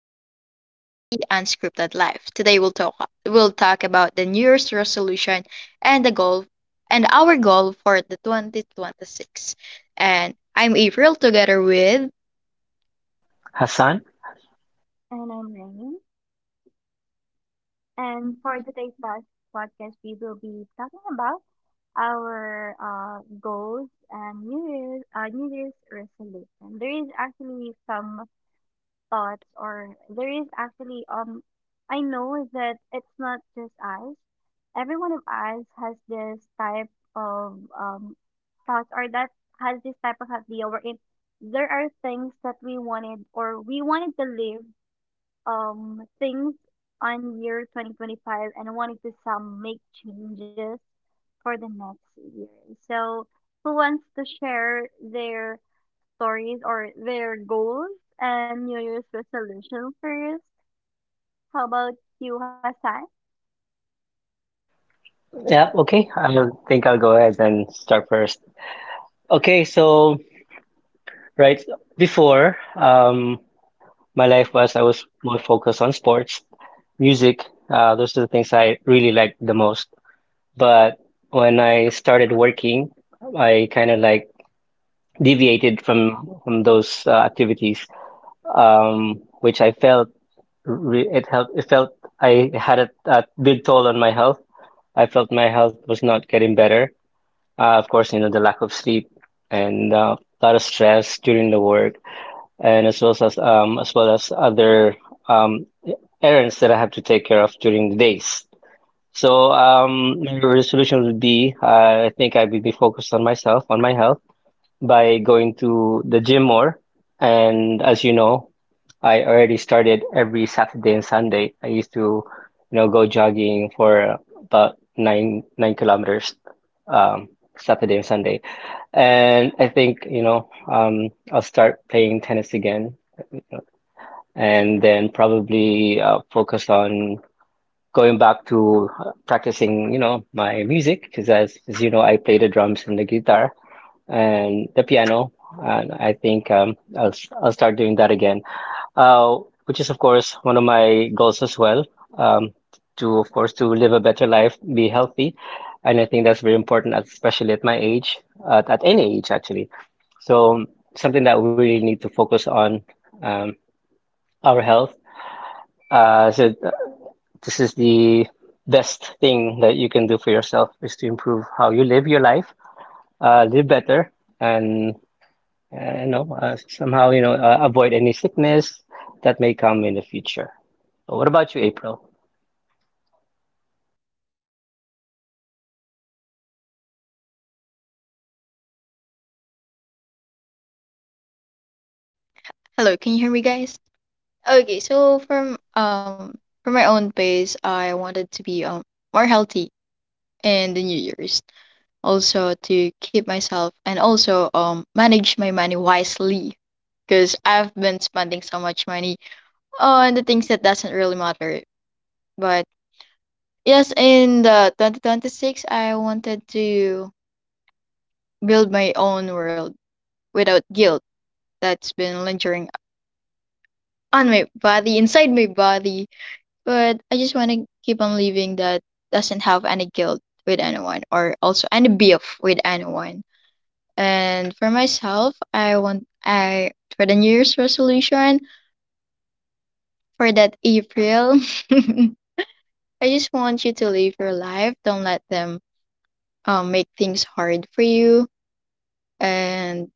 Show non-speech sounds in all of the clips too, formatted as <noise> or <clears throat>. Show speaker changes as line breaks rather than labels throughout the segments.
podcast of the unscripted life. Today we'll talk about the New Year's resolution and the goal and our goal for the 2026. And I'm April together with
Hassan?
And I'm Rain. And for
Hello,
today's podcast, we will be talking about our goals and New Year's resolution. There is actually some thoughts, or there is actually, I know that it's not just us. Every one of us has this type of thoughts, or that has this type of idea wherein there are things that we wanted, or we wanted to live things on year 2025, and I wanted to some make changes for the next year. So who wants to share their stories or their goals and New Year's resolution first? How about you, Hassan?
Yeah, okay. I think I'll go ahead and start first. Okay, so right before, my life was I was more focused on sports, music. Those are the things I really liked the most. But when I started working, I kind of like deviated from those activities, which I felt re it helped. It felt I had a big toll on my health. I felt my health was not getting better. Of course, you know, the lack of sleep and a lot of stress during the work, and as well as other um, errands that I have to take care of during the days. So my resolution would be, I think I would be focused on myself, on my health by going to the gym more. And as you know, I already started every Saturday and Sunday. I used to, you know, go jogging for about nine nine kilometers um, Saturday and Sunday. And I think, you know, I'll start playing tennis again and then probably focus on going back to practicing, you know, my music because as you know, I play the drums and the guitar and the piano. And I think I'll start doing that again, uh, which is of course one of my goals as well. Um, to of course to live a better life, be healthy, and I think that's very important, especially at my age, at any age actually. So something that we really need to focus on, um, our health. Uh, so th- this is the best thing that you can do for yourself is to improve how you live your life, live better, and. and you know, somehow, you know, avoid any sickness that may come in the future. So what about you, April?
can you hear me guys? Okay, so from my own base, I wanted to be more healthy in the New Year's. Also to keep myself and also manage my money wisely, because I've been spending so much money on the things that doesn't really matter. But yes, in the 2026, I wanted to build my own world without guilt that's been lingering on my body, inside my body. But I just want to keep on living that doesn't have any guilt with anyone, or also any beef with anyone. And for myself, I for the New Year's resolution for that April, <laughs> I just want you to live your life. Don't let them make things hard for you. And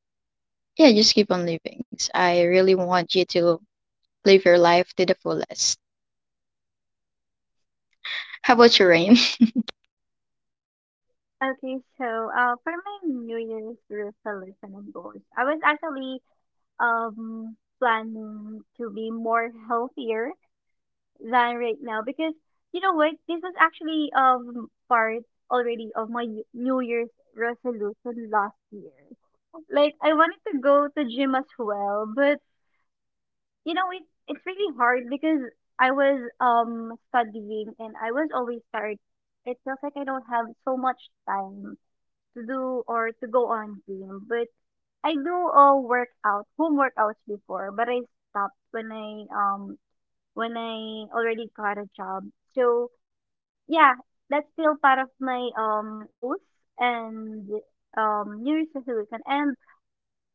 yeah, just keep on living. So I really want you to live your life to the fullest. How about your Rain?
Okay, so for my New Year's resolution and goals, I was actually planning to be more healthier than right now because you know what, this was actually part already of my New Year's resolution last year. Like I wanted to go to gym as well, but you know it's really hard because I was studying and I was always tired. It feels like I don't have so much time to do or to go on gym, but I do workout home workouts before, but I stopped when I when I already got a job. So yeah, that's still part of my goals and New Year's resolution. And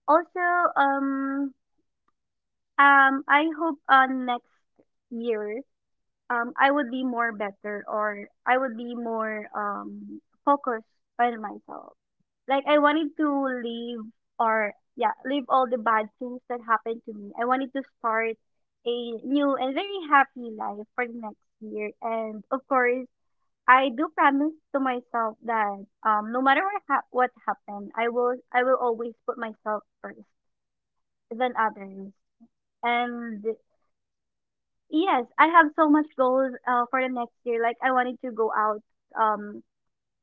also um I hope next year I would be more better, or I would be more focused on myself. Like I wanted to leave, or yeah, leave all the bad things that happened to me. I wanted to start a new and very happy life for the next year. And of course, I do promise to myself that no matter what happened, I will always put myself first than others. And yes, I have so much goals for the next year. Like I wanted to go out um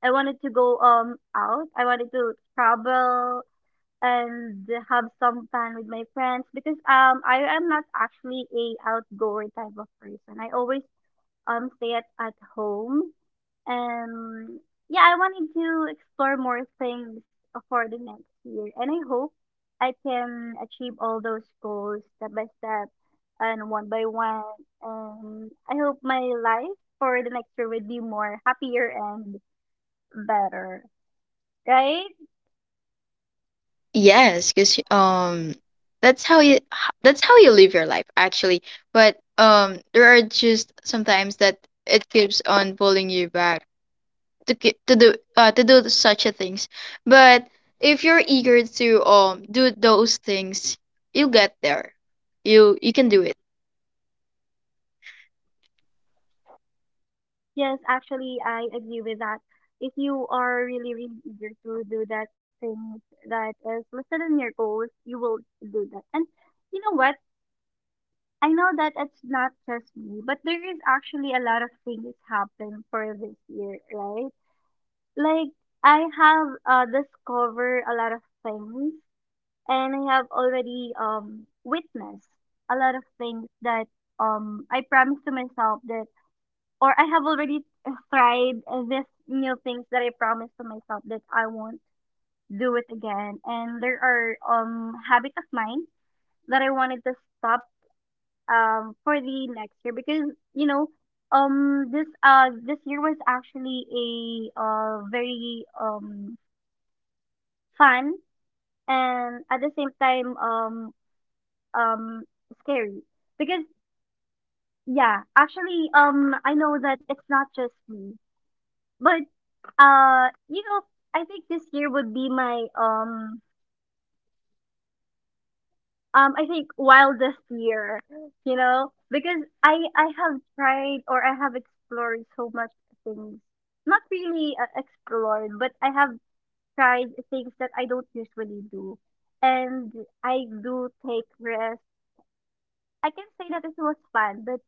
I wanted to go out. I wanted to travel and have some fun with my friends because I am not actually a outgoing type of person. I always stay at home, and yeah, I wanted to explore more things for the next year, and I hope I can achieve all those goals step by step and one by one, and I hope my life for the next year would be more happier and better. Right?
<laughs> Yes, because that's how you that's how you live your life actually. But there are just sometimes that it keeps on pulling you back to to do such a things. But if you're eager to do those things, you'll get there. You can do it.
Yes, actually, I agree with that. If you are really, really eager to do that things that is listed in your goals, you will do that. And you know what? I know that it's not just me, but there is actually a lot of things happen for this year, right? Like I have discovered a lot of things, and I have already witnessed a lot of things that I promised to myself that or I have already tried these new things that I promised to myself that I won't do it again. And there are habit of mine that I wanted to stop for the next year because you know this year was actually a very fun and at the same time um scary because yeah, actually, I know that it's not just me. But you know, I think this year would be my I think wildest year, you know, because I have tried or I have explored so much things. Not really explored, but I have tried things that I don't usually do. And I do take risks. I can say that it was fun, but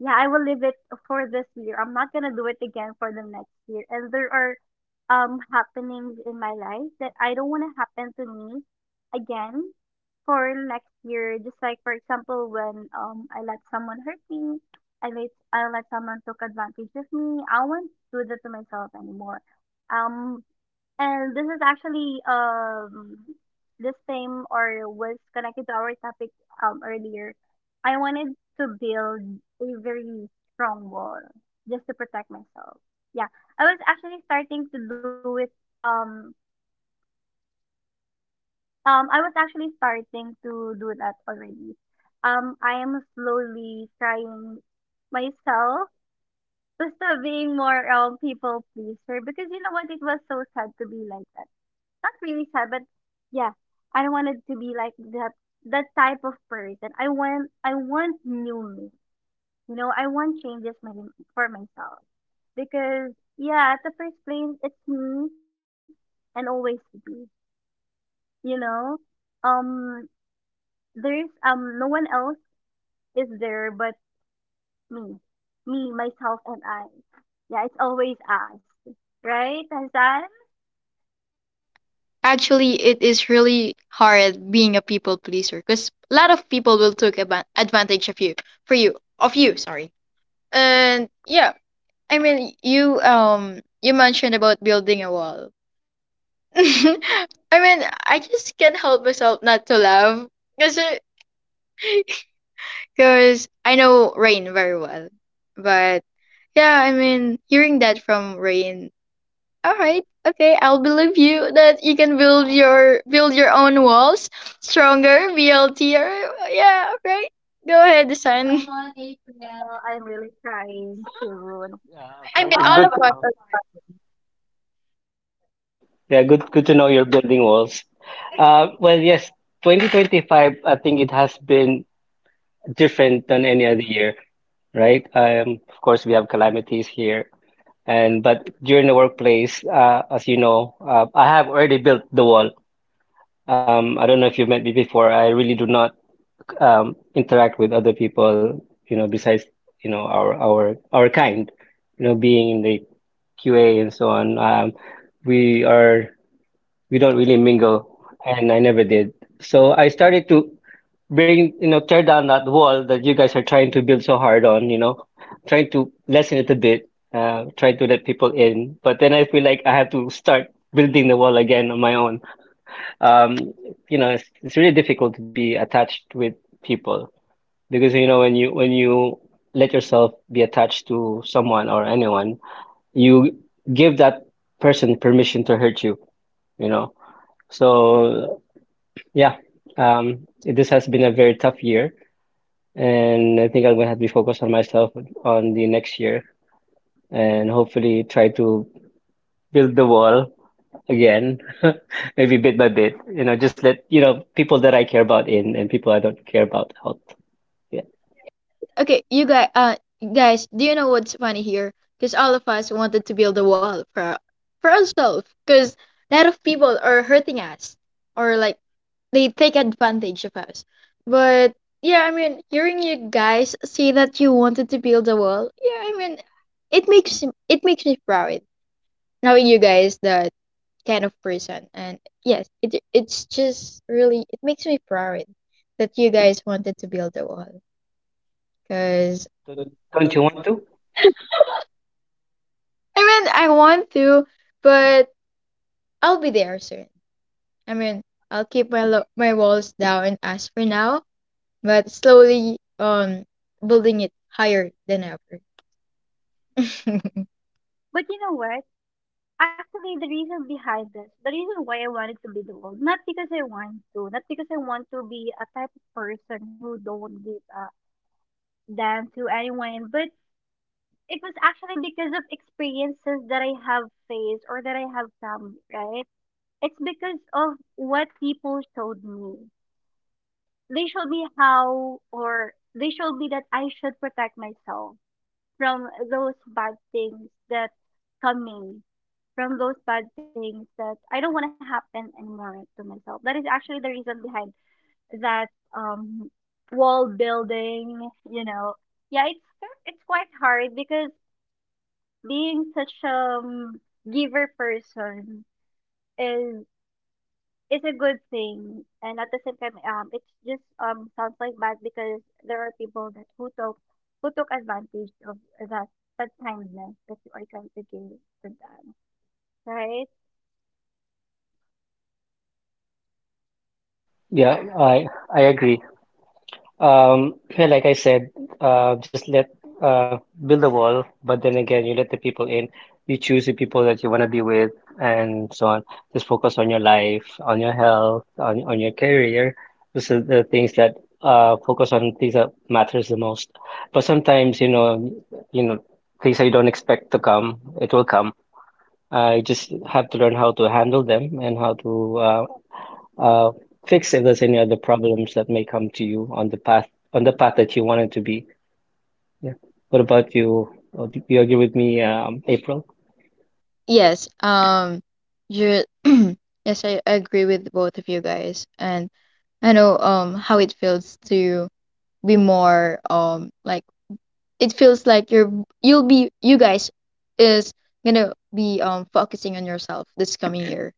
yeah, I will leave it for this year. I'm not gonna do it again for the next year. And there are happenings in my life that I don't want to happen to me again for next year. Just like for example, when I let someone hurt me, I let someone took advantage of me. I won't do that to myself anymore. Um, and this is actually this theme or was connected to our topic earlier. I wanted to build a very strong wall just to protect myself. Yeah. I was actually starting to do it. um I was actually starting to do that already. I am slowly trying myself <laughs> to stop being more people pleaser because, you know what, it was so sad to be like that. Not really sad, but yeah, I don't want it to be like that, that type of person. I want new me. You know, I want changes for myself because yeah, at the first place, it's me and always be. You know, um, there's no one else is there but me, me myself and I. Yeah, it's always us, right, Hassan?
Actually, it is really hard being a people pleaser, because a lot of people will take advantage of you for you of you. Sorry. And yeah, I mean you you mentioned about building a wall. <laughs> I mean I just can't help myself not to laugh because because I know Rain very well. But yeah, I mean, hearing that from Rain, all right, okay, I'll believe you that you can build your own walls stronger, BLT, or yeah, okay, go ahead, son.
Well,
<laughs>
I'm really trying to.
Yeah,
I
okay.
mean, all
It's good
of
to
us.
know. Yeah, good, good to know you're building walls. Well, yes, 2025, I think it has been different than any other year, right? Of course, we have calamities here, and but during the workplace, as you know, I have already built the wall. I don't know if you've met me before. I really do not interact with other people, you know, besides, you know, our kind, you know, being in the QA and so on. We are we don't really mingle, and I never did. So I started to bring, you know, tear down that wall that you guys are trying to build so hard on, you know, trying to lessen it a bit, try to let people in. But then I feel like I have to start building the wall again on my own. Um, you know, it's really difficult to be attached with people because you know when you let yourself be attached to someone or anyone, you give that person permission to hurt you, you know. So yeah, this has been a very tough year, and I think I'm gonna have to be focused on myself on the next year and hopefully try to build the wall again, <laughs> maybe bit by bit, you know, just let you know people that I care about in and people I don't care about out. Yeah.
Yeah, all right. Okay, you guys, guys, do you know what's funny here? Because all of us wanted to build a wall for for ourselves. Because a lot of people are hurting us, or like they take advantage of us. But yeah, I mean, hearing you guys say that you wanted to build a wall, yeah, I mean, it makes it makes me proud knowing you guys that kind of person. And yes, it's just really it makes me proud that you guys wanted to build a wall. Because
Don't don't you want to?
I mean, I want to, but I'll be there soon. I mean, I'll keep my my walls down as for now, but slowly building it higher than ever. <laughs>
But you know what? Actually, the reason behind this, the reason why I wanted to be the world, not because I want to, not because I want to be a type of person who don't give a damn to anyone, but it was actually because of experiences that I have faced or that I have come, right? It's because of what people showed me. They showed me how, or they showed me that I should protect myself from those bad things that coming, from those bad things that I don't want to happen anymore to myself. That is actually the reason behind that um wall building, you know. Yeah, it's quite hard because being such a um, giver person is is a good thing, and at the same time it's just sounds like bad because there are people that who took advantage of that that kindness that you are trying to give to them. Right?
Yeah, I agree. Yeah, like I said, just let uh, build a wall, but then again, you let the people in. You choose the people that you want to be with, and so on. Just focus on your life, on your health, on your career. Those are the things that focus on things that matters the most. But sometimes, you know, things that you don't expect to come, it will come. You just have to learn how to handle them and how to uh, fix if there's any other problems that may come to you on the path that you wanted to be. Yeah. What about you? Do you agree with me, April?
Yes, you <clears throat> yes, I agree with both of you guys, and I know how it feels to be more like it feels like you're you'll be you guys is gonna be focusing on yourself this coming year,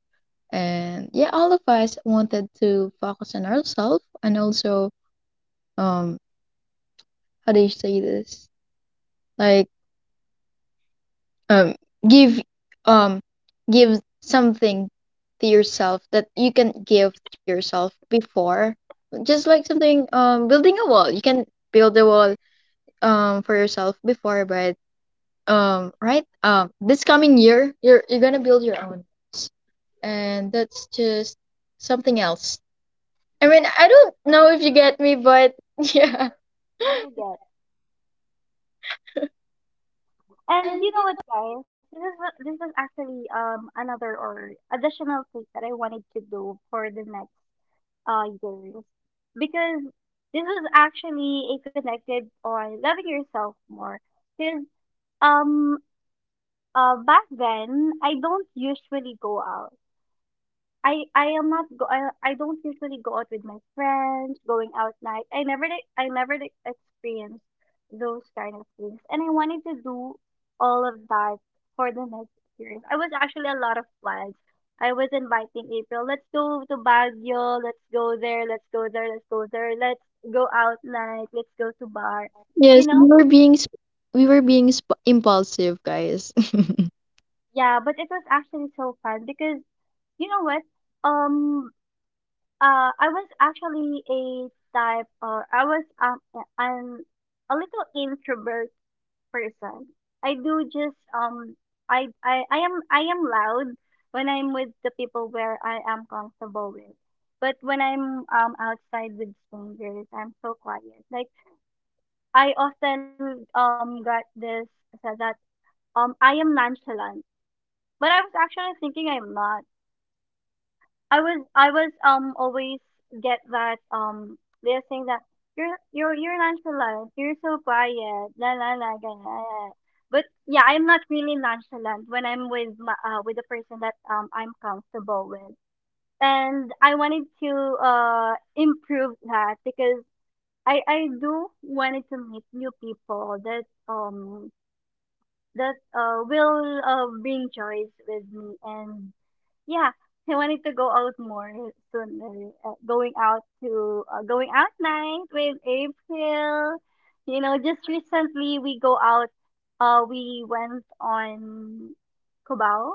and yeah, all of us wanted to focus on ourselves and also um how do you say this, like um give um give something to yourself that you can give to yourself before, just like something, building a wall, you can build a wall for yourself before, but right this coming year you're gonna build your own walls. And that's just something else. I mean, I don't know if you get me, but <laughs> yeah.
I do get. And you know what, guys? This is actually another or additional thing that I wanted to do for the next years because this is actually a connected on loving yourself more. Because um back then I don't usually go out. I am not go I don't usually go out with my friends, going out night. I never like experienced those kind of things. And I wanted to do all of that for the next experience. I was actually a lot of plans. I was inviting April, let's go to Baguio, let's go there, let's go there, let's go there, let's go out night, let's go to bar.
Yes,
You
we
know?
were being we were being impulsive, guys. <laughs>
Yeah, but it was actually so fun because you know what? Um I was actually a type, or I was I'm a little introvert person. I do just I am loud when I'm with the people where I am comfortable with, but when I'm outside with strangers, I'm so quiet. Like I often got this said that I am nonchalant, but I was actually thinking I'm not. I was always get that they're saying that you're nonchalant, you're so quiet, la la la ganyan. But yeah, I'm not really nonchalant when I'm with with the person that I'm comfortable with, and I wanted to improve that because I do wanted to meet new people that um that will bring joys with me. And yeah, I wanted to go out more sooner. Going out night with April. You know, just recently we go out. We went on Cubao,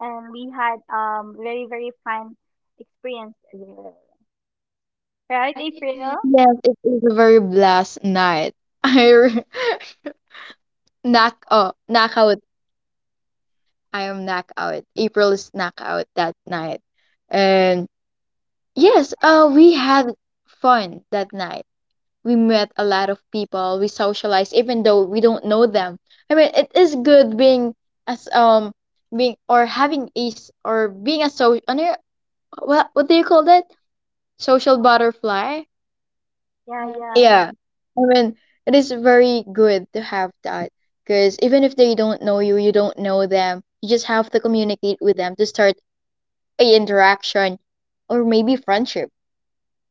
and we had very, very fun experience there, right,
Yes,
April?
it is a very blast night. <laughs> I <laughs> knock oh knockout. I am knockout. April is knockout that night, and yes, we had fun that night. We met a lot of people, we socialized even though we don't know them. I mean it is good being as being or having a or being a social, what do you call that, social butterfly.
yeah yeah
Yeah, I mean it is very good to have that, because even if they don't know you, you don't know them, you just have to communicate with them to start a interaction or maybe friendship.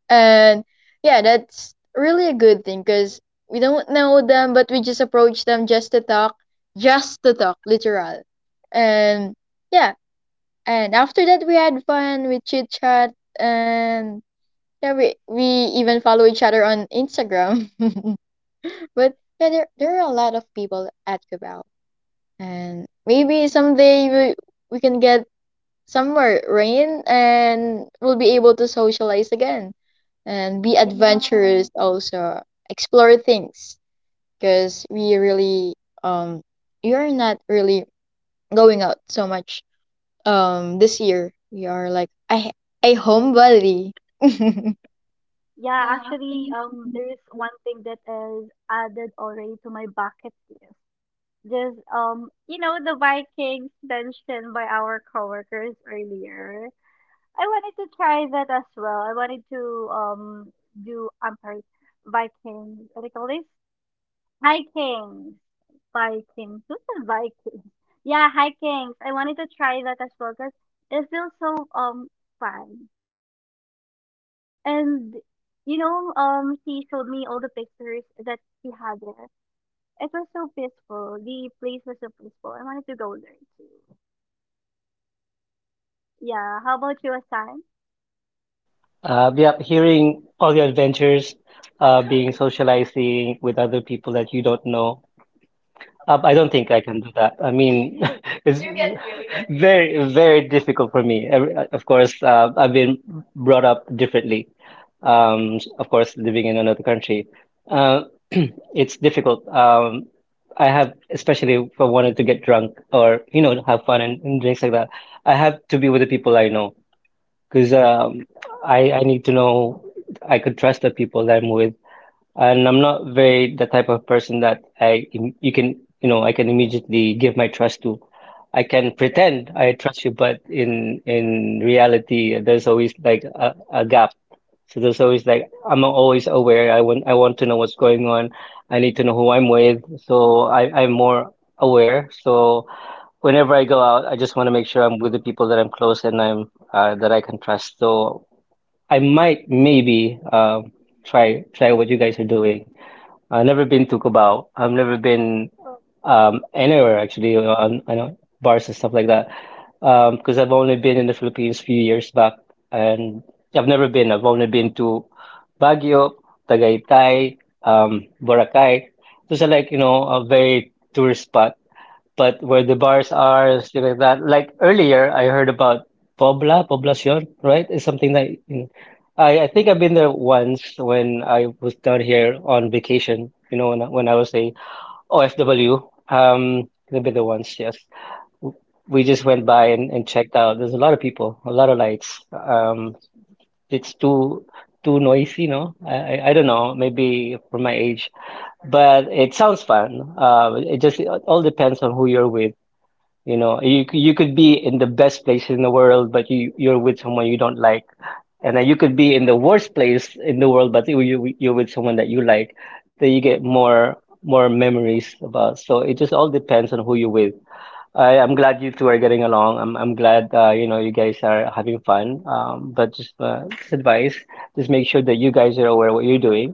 And yeah, that's really a good thing because we don't know them, but we just approach them just to talk, literal. And yeah, and after that we had fun, we chit chat, and yeah, we even follow each other on Instagram. <laughs> But yeah, there are a lot of people at Cabal, and maybe someday we can get somewhere, Rain, and we'll be able to socialize again and be
yeah.
adventurous also, explore things because we really um we are not really going out so much this year. We are like I a homebody. <laughs>
Yeah, actually, there is one thing that is added already to my bucket list. Just you know, the Vikings mentioned by our coworkers earlier. I wanted to try that as well. I wanted to do I'm sorry, Vikings. What do you call this? Vikings, Vikings. Who's the Vikings? Yeah, Vikings. I wanted to try that as well because it feels so fun. And you know, he showed me all the pictures that he had there. It was so peaceful. The place was so peaceful. I wanted to go there too. Yeah. How about you, Asan?
Yeah, hearing all your adventures, being socializing with other people that you don't know, I don't think I can do that. I mean, <laughs> it's very, very difficult for me. Of course, I've been brought up differently. Of course, living in another country, uh, <clears throat> it's difficult. I have, especially if I wanted to get drunk or, you know, have fun and drinks like that, I have to be with the people I know because I need to know I could trust the people that I'm with and I'm not very the type of person that I you can you know I can immediately give my trust to. I can pretend I trust you, but in reality, there's always like a gap. So there's always like I'm always aware. I want to know what's going on. I need to know who I'm with. So I'm more aware. So whenever I go out, I just want to make sure I'm with the people that I'm close and I'm that I can trust. So I might maybe try what you guys are doing. I've never been to Cubao. I've never been anywhere actually on I know bars and stuff like that. Because I've only been in the Philippines few years back, and I've never been. I've only been to Baguio, Tagaytay, Boracay. Those are like you know a very tourist spot but where the bars are stuff like that. Like earlier, I heard about Poblacion, right? It's something that in- I think I've been there once when I was down here on vacation, you know, when I was a OFW. I've been there once, yes. We just went by and checked out. There's a lot of people, a lot of lights. It's too noisy, no? I don't know, maybe for my age, but it sounds fun. It just it all depends on who you're with. You know, you could be in the best place in the world, but you you're with someone you don't like, and then you could be in the worst place in the world, but you're with someone that you like. Then you get more memories about. So it just all depends on who you're with. I'm glad you two are getting along. I'm glad you know you guys are having fun. But just advice, just make sure that you guys are aware of what you're doing,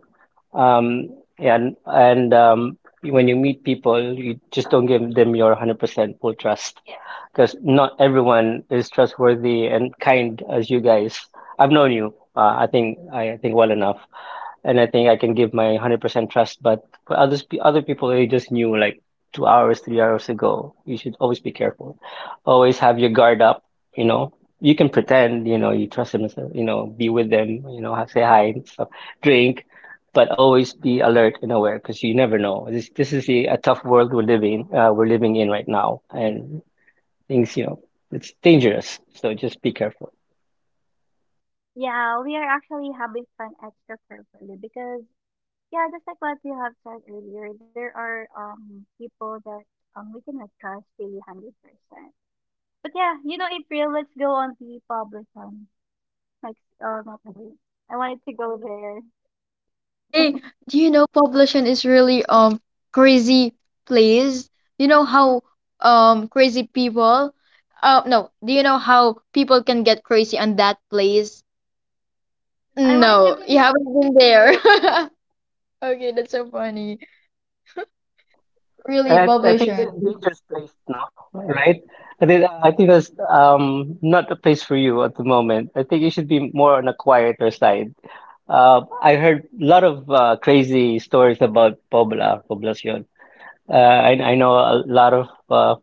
um, and when you meet people, you just don't give them your 100% full trust because not everyone is trustworthy and kind as you guys. I've known you, I think well enough and I think I can give my 100% trust. But for others, other people they just knew like 2 hours, 3 hours ago, you should always be careful. Always have your guard up. You know, you can pretend. You know, you trust them. So, you know, be with them. You know, say hi and stuff, drink, but always be alert and aware because you never know. This is a tough world we're living in right now, and things you know it's dangerous. So just be careful.
Yeah, we are actually having fun extra carefully because yeah, just like what you have said earlier, there are people that we cannot trust really 100%. But yeah, you know, April, let's go on the public one. Like, not really. I wanted to go there.
Hey, do you know Poblacion is really crazy place? You know how crazy people no, do you know how people can get crazy on that place?
I wanted to
No,
be.
you haven't been there. <laughs> Okay, that's so funny. Really,
I think it's a
publisher.
dangerous place now, right? I think that's not a place for you at the moment. I think you should be more on a quieter side. I heard a lot of crazy stories about Poblacion. I know a lot of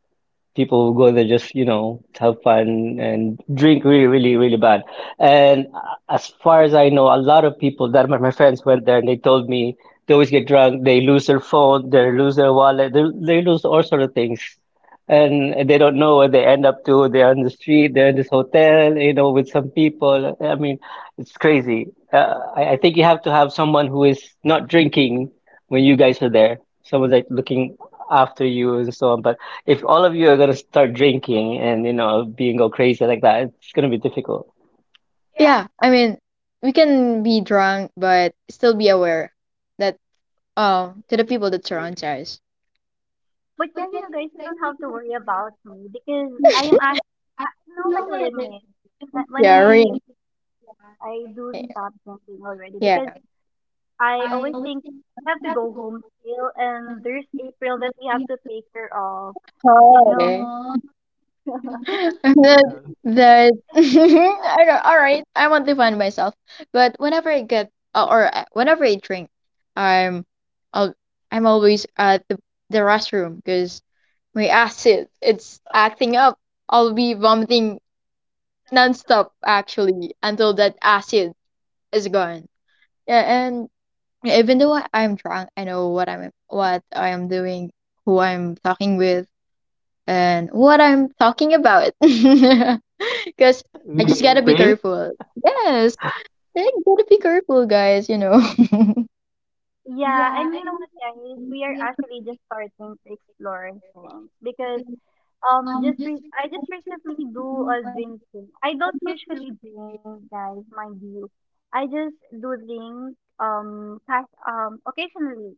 people who go there just you know have fun and drink really really really bad and as far as I know a lot of people that my friends went there and they told me they always get drunk, they lose their phone, they lose their wallet, they lose all sort of things, and they don't know what they end up to. They're on the street, they're in this hotel, you know, with some people. I mean, it's crazy. I think you have to have someone who is not drinking when you guys are there, someone's like looking after you and so on. But if all of you are gonna start drinking and you know being all crazy like that, it's gonna be difficult.
Yeah, I mean, we can be drunk, but still be aware that to the people that surrounds us.
But yeah, you know, guys, you don't have to worry about me because I am actually, I know my limits. And I when
Yeah, right.
I do stop drinking already
Yeah.
because I always think I have to go home still, and there's April that we have to take care of, you know.
Hi.
<laughs>
<laughs> That
April,
that <laughs> I don't. All right, I want to find myself, but whenever I get or whenever I drink, I'm I'll, I'm always at the restroom because my acid, it's acting up. I'll be vomiting nonstop actually until that acid is gone. Yeah, and even though I'm drunk, I know what I'm what I am doing, who I'm talking with, and what I'm talking about. <laughs> Because
<laughs>
I just
really
gotta be
April.
careful. Yes, I gotta be careful, guys. You know. <laughs>
Yeah, and you know what, guys? We are actually just starting to explore things because I just recently do a drinking. I don't usually drink, guys, mind you. I just do drink cash occasionally.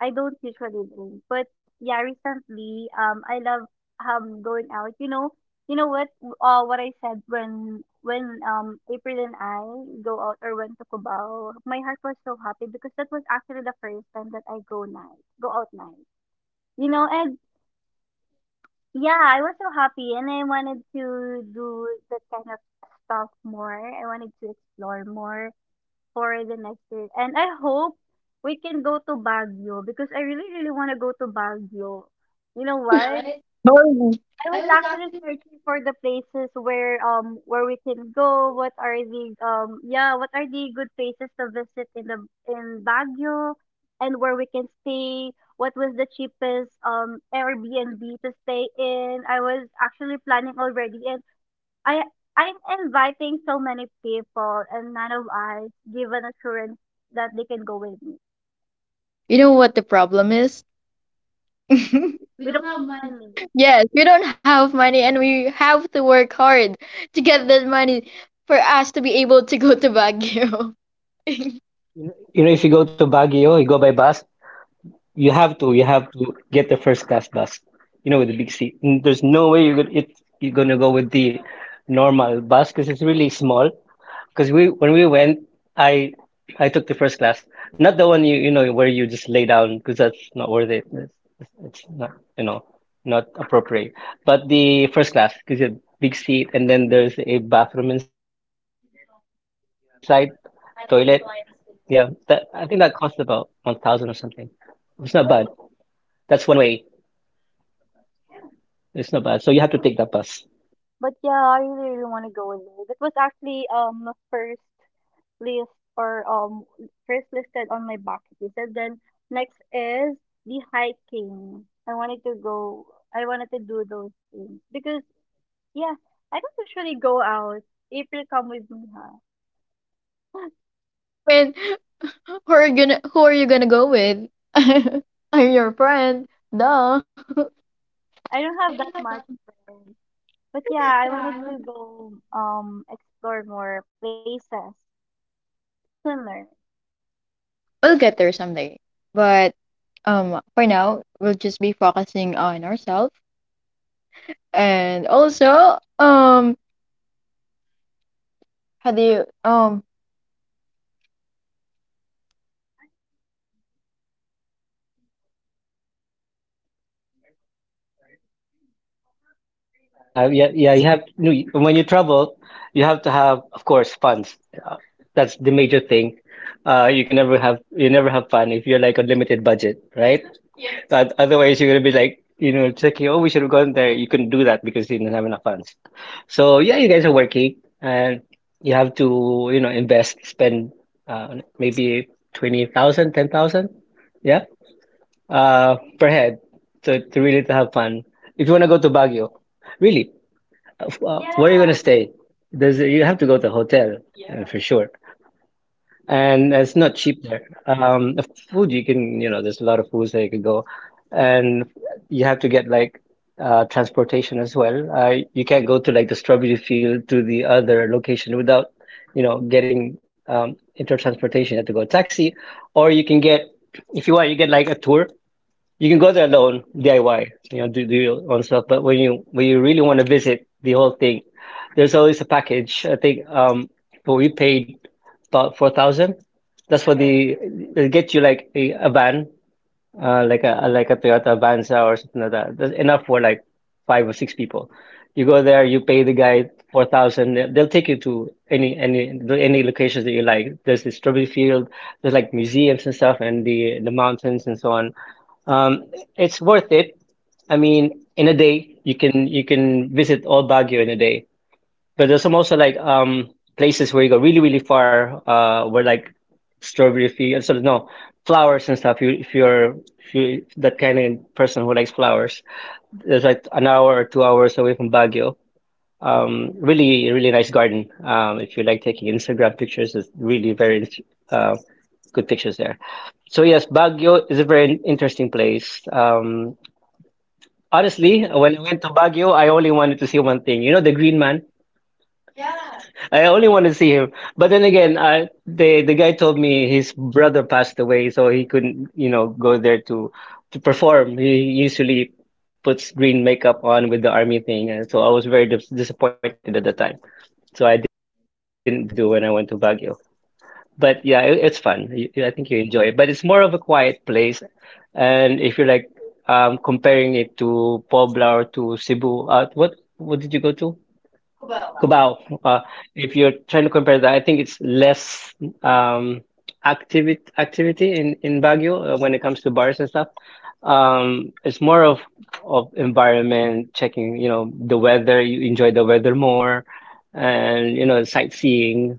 I don't usually drink, but yeah, recently I love going out. You know, you know what what I said when April and I go out or went to Cubao, my heart was so happy because that was actually the first time that I go out night. You know, and yeah, I was so happy and I wanted to do that kind of stuff more. I wanted to explore more for the next year. And I hope we can go to Baguio because I really, really want to go to Baguio. You know what? I was actually searching for the places where we can go. What are the what are the good places to visit in the in Baguio and where we can stay? What was the cheapest Airbnb to stay in? I was actually planning already, and I I'm inviting so many people, and none of us give an assurance that they can go with me.
You know what the problem is? <laughs>
We don't have money.
Yes, we don't have money and we have to work hard to get that money for us to be able to go to Baguio. <laughs>
You know, if you go to Baguio, you go by bus. You have to get the first class bus. You know, with the big seat. There's no way you're gonna go with the normal bus because it's really small. Because we when we went, I I took the first class, not the one where you just lay down because that's not worth it. It's not you know not appropriate. But the first class because you have big seat and then there's a bathroom inside, toilet. Yeah, that I think that cost about 1,000 or something. It's not bad. That's one way. It's not bad. So you have to take that bus.
But yeah, I really, really want to go with you. That was actually first list or first listed on my bucket list. And then next is the hiking. I wanted to do those things because yeah, I don't usually go out. April, come with me, huh?
I mean, who are you gonna who are you gonna go with? <laughs> I'm your friend. Duh. <laughs>
I don't have that much friends. But yeah, I wanted to go explore more places similar.
We'll get there someday. But for now, we'll just be focusing on ourselves and also how do you
Yeah, you have no, when you travel, you have to have, of course, funds. Uh, that's the major thing. You can never have fun if you're like on limited budget, right? But otherwise, you're gonna be like, you know, checking, oh, we should have gone there. You couldn't do that because you didn't have enough funds. So yeah, you guys are working and you have to, you know, invest, spend maybe 20,000, 10,000, yeah, per head to really to have fun. If you want to go to Baguio, really. <laughs> Well, where are you gonna Yeah. stay? There's a, you have to go to a hotel for sure, and it's not cheap there. The food you can, you know, there's a lot of foods that you can go, and you have to get like transportation as well. You can't go to like the strawberry field to the other location without, you know, getting inter transportation. You have to go taxi, or you can get, if you want, you get like a tour you can go there alone, DIY, you know, do your own stuff. But when you really want to visit the whole thing, there's always a package. I think but we paid about 4,000. That's for the they get you like a van, like a Toyota Avanza or something like that. That's enough for like five or six people. You go there, you pay the guy 4,000. They'll take you to any locations that you like. There's the strawberry field. There's like museums and stuff, and the mountains and so on um, it's worth it. I mean, in a day you can visit all Baguio in a day. But there's some also like places where you go really really far, where like strawberry fields, sort of no flowers and stuff. You if you're if you that kind of person who likes flowers, there's like an hour or 2 hours away from Baguio. Really really nice garden. If you like taking Instagram pictures, there's really very uh good pictures there. So yes, Baguio is a very interesting place. Honestly, when I went to Baguio, I only wanted to see one thing. You know, the Green Man. I only wanted to see him. But then again, the guy told me his brother passed away, so he couldn't, you know, go there to perform. He usually puts green makeup on with the army thing, and so I was very disappointed at the time. So I didn't do what I needed to do when I went to Baguio. But yeah, it's fun. I think you enjoy it. But it's more of a quiet place. And if you're like comparing it to Puebla or to Cebu, what did you go to? Cubao. Uh, if you're trying to compare that, I think it's less um, activity in Baguio when it comes to bars and stuff. It's more of environment checking, you know, the weather. You enjoy the weather more, and you know, sightseeing.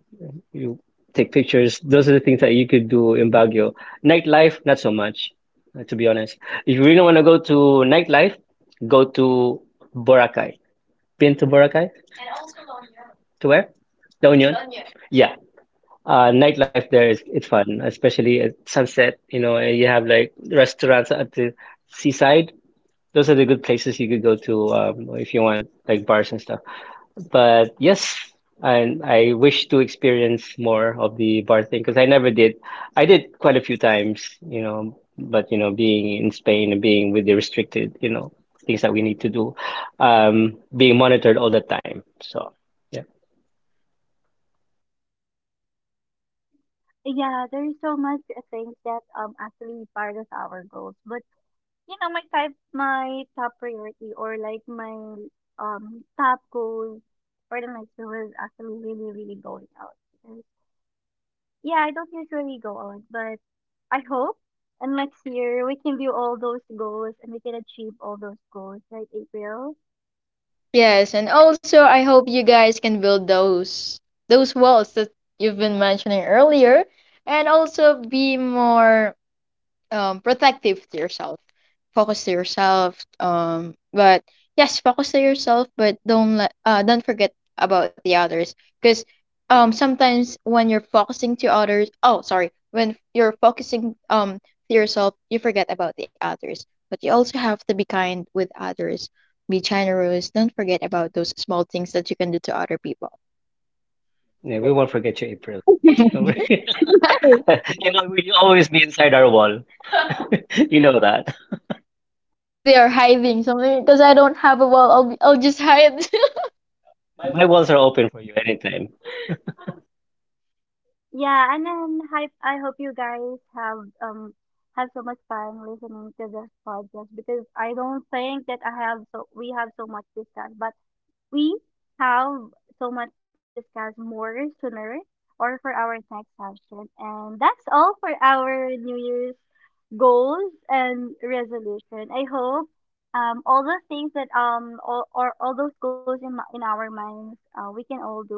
You take pictures. Those are the things that you could do in Baguio. Nightlife, not so much, to be honest. If you really want to go to nightlife, go to Boracay. Been to Boracay? To where? La Union? Yeah. Nightlife there is it's fun, especially at sunset, you know, and you have like restaurants at the seaside. Those are the good places you could go to if you want like bars and stuff. But yes, and I wish to experience more of the bar thing because I never did. I did quite a few times, you know, but you know, being in Spain and being with the restricted, you know, things that we need to do, being monitored all the time. So yeah,
Yeah, there is so much things that actually part of our goals. But you know, my top priority, or like my top goals for the next year was actually really, really going out. Because yeah, I don't usually go out, but I hope and next year we can do all those goals and we can achieve all those goals, right, April?
Yes, and also I hope you guys can build those walls that you've been mentioning earlier and also be more, protective to yourself. Focus to yourself. But yes, focus to yourself, but don't let don't forget about the others. Because sometimes when you're focusing to others, oh sorry, when you're focusing to yourself, you forget about the others. But you also have to be kind with others. Be generous. Don't forget about those small things that you can do to other people.
yeah, we won't forget you, April. Don't
<laughs>
worry. <laughs> You know, we always be inside our wall. <laughs> You know that.
I'll be there hiding something because I don't have a wall. I'll just hide.
My walls are open for you anytime.
Yeah, and then I hope you guys have so much fun listening to this podcast because I don't think that I have so we have so much discussed, but we have so much discuss more sooner or for our next session. And that's all for our New Year's goals and resolution. I hope all those things that all those goals in our minds we can all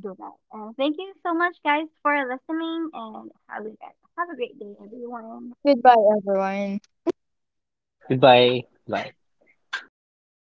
do that. And thank you so much, guys, for listening, and have a great day, everyone.
<laughs> Goodbye, everyone.
Goodbye. Bye. Parang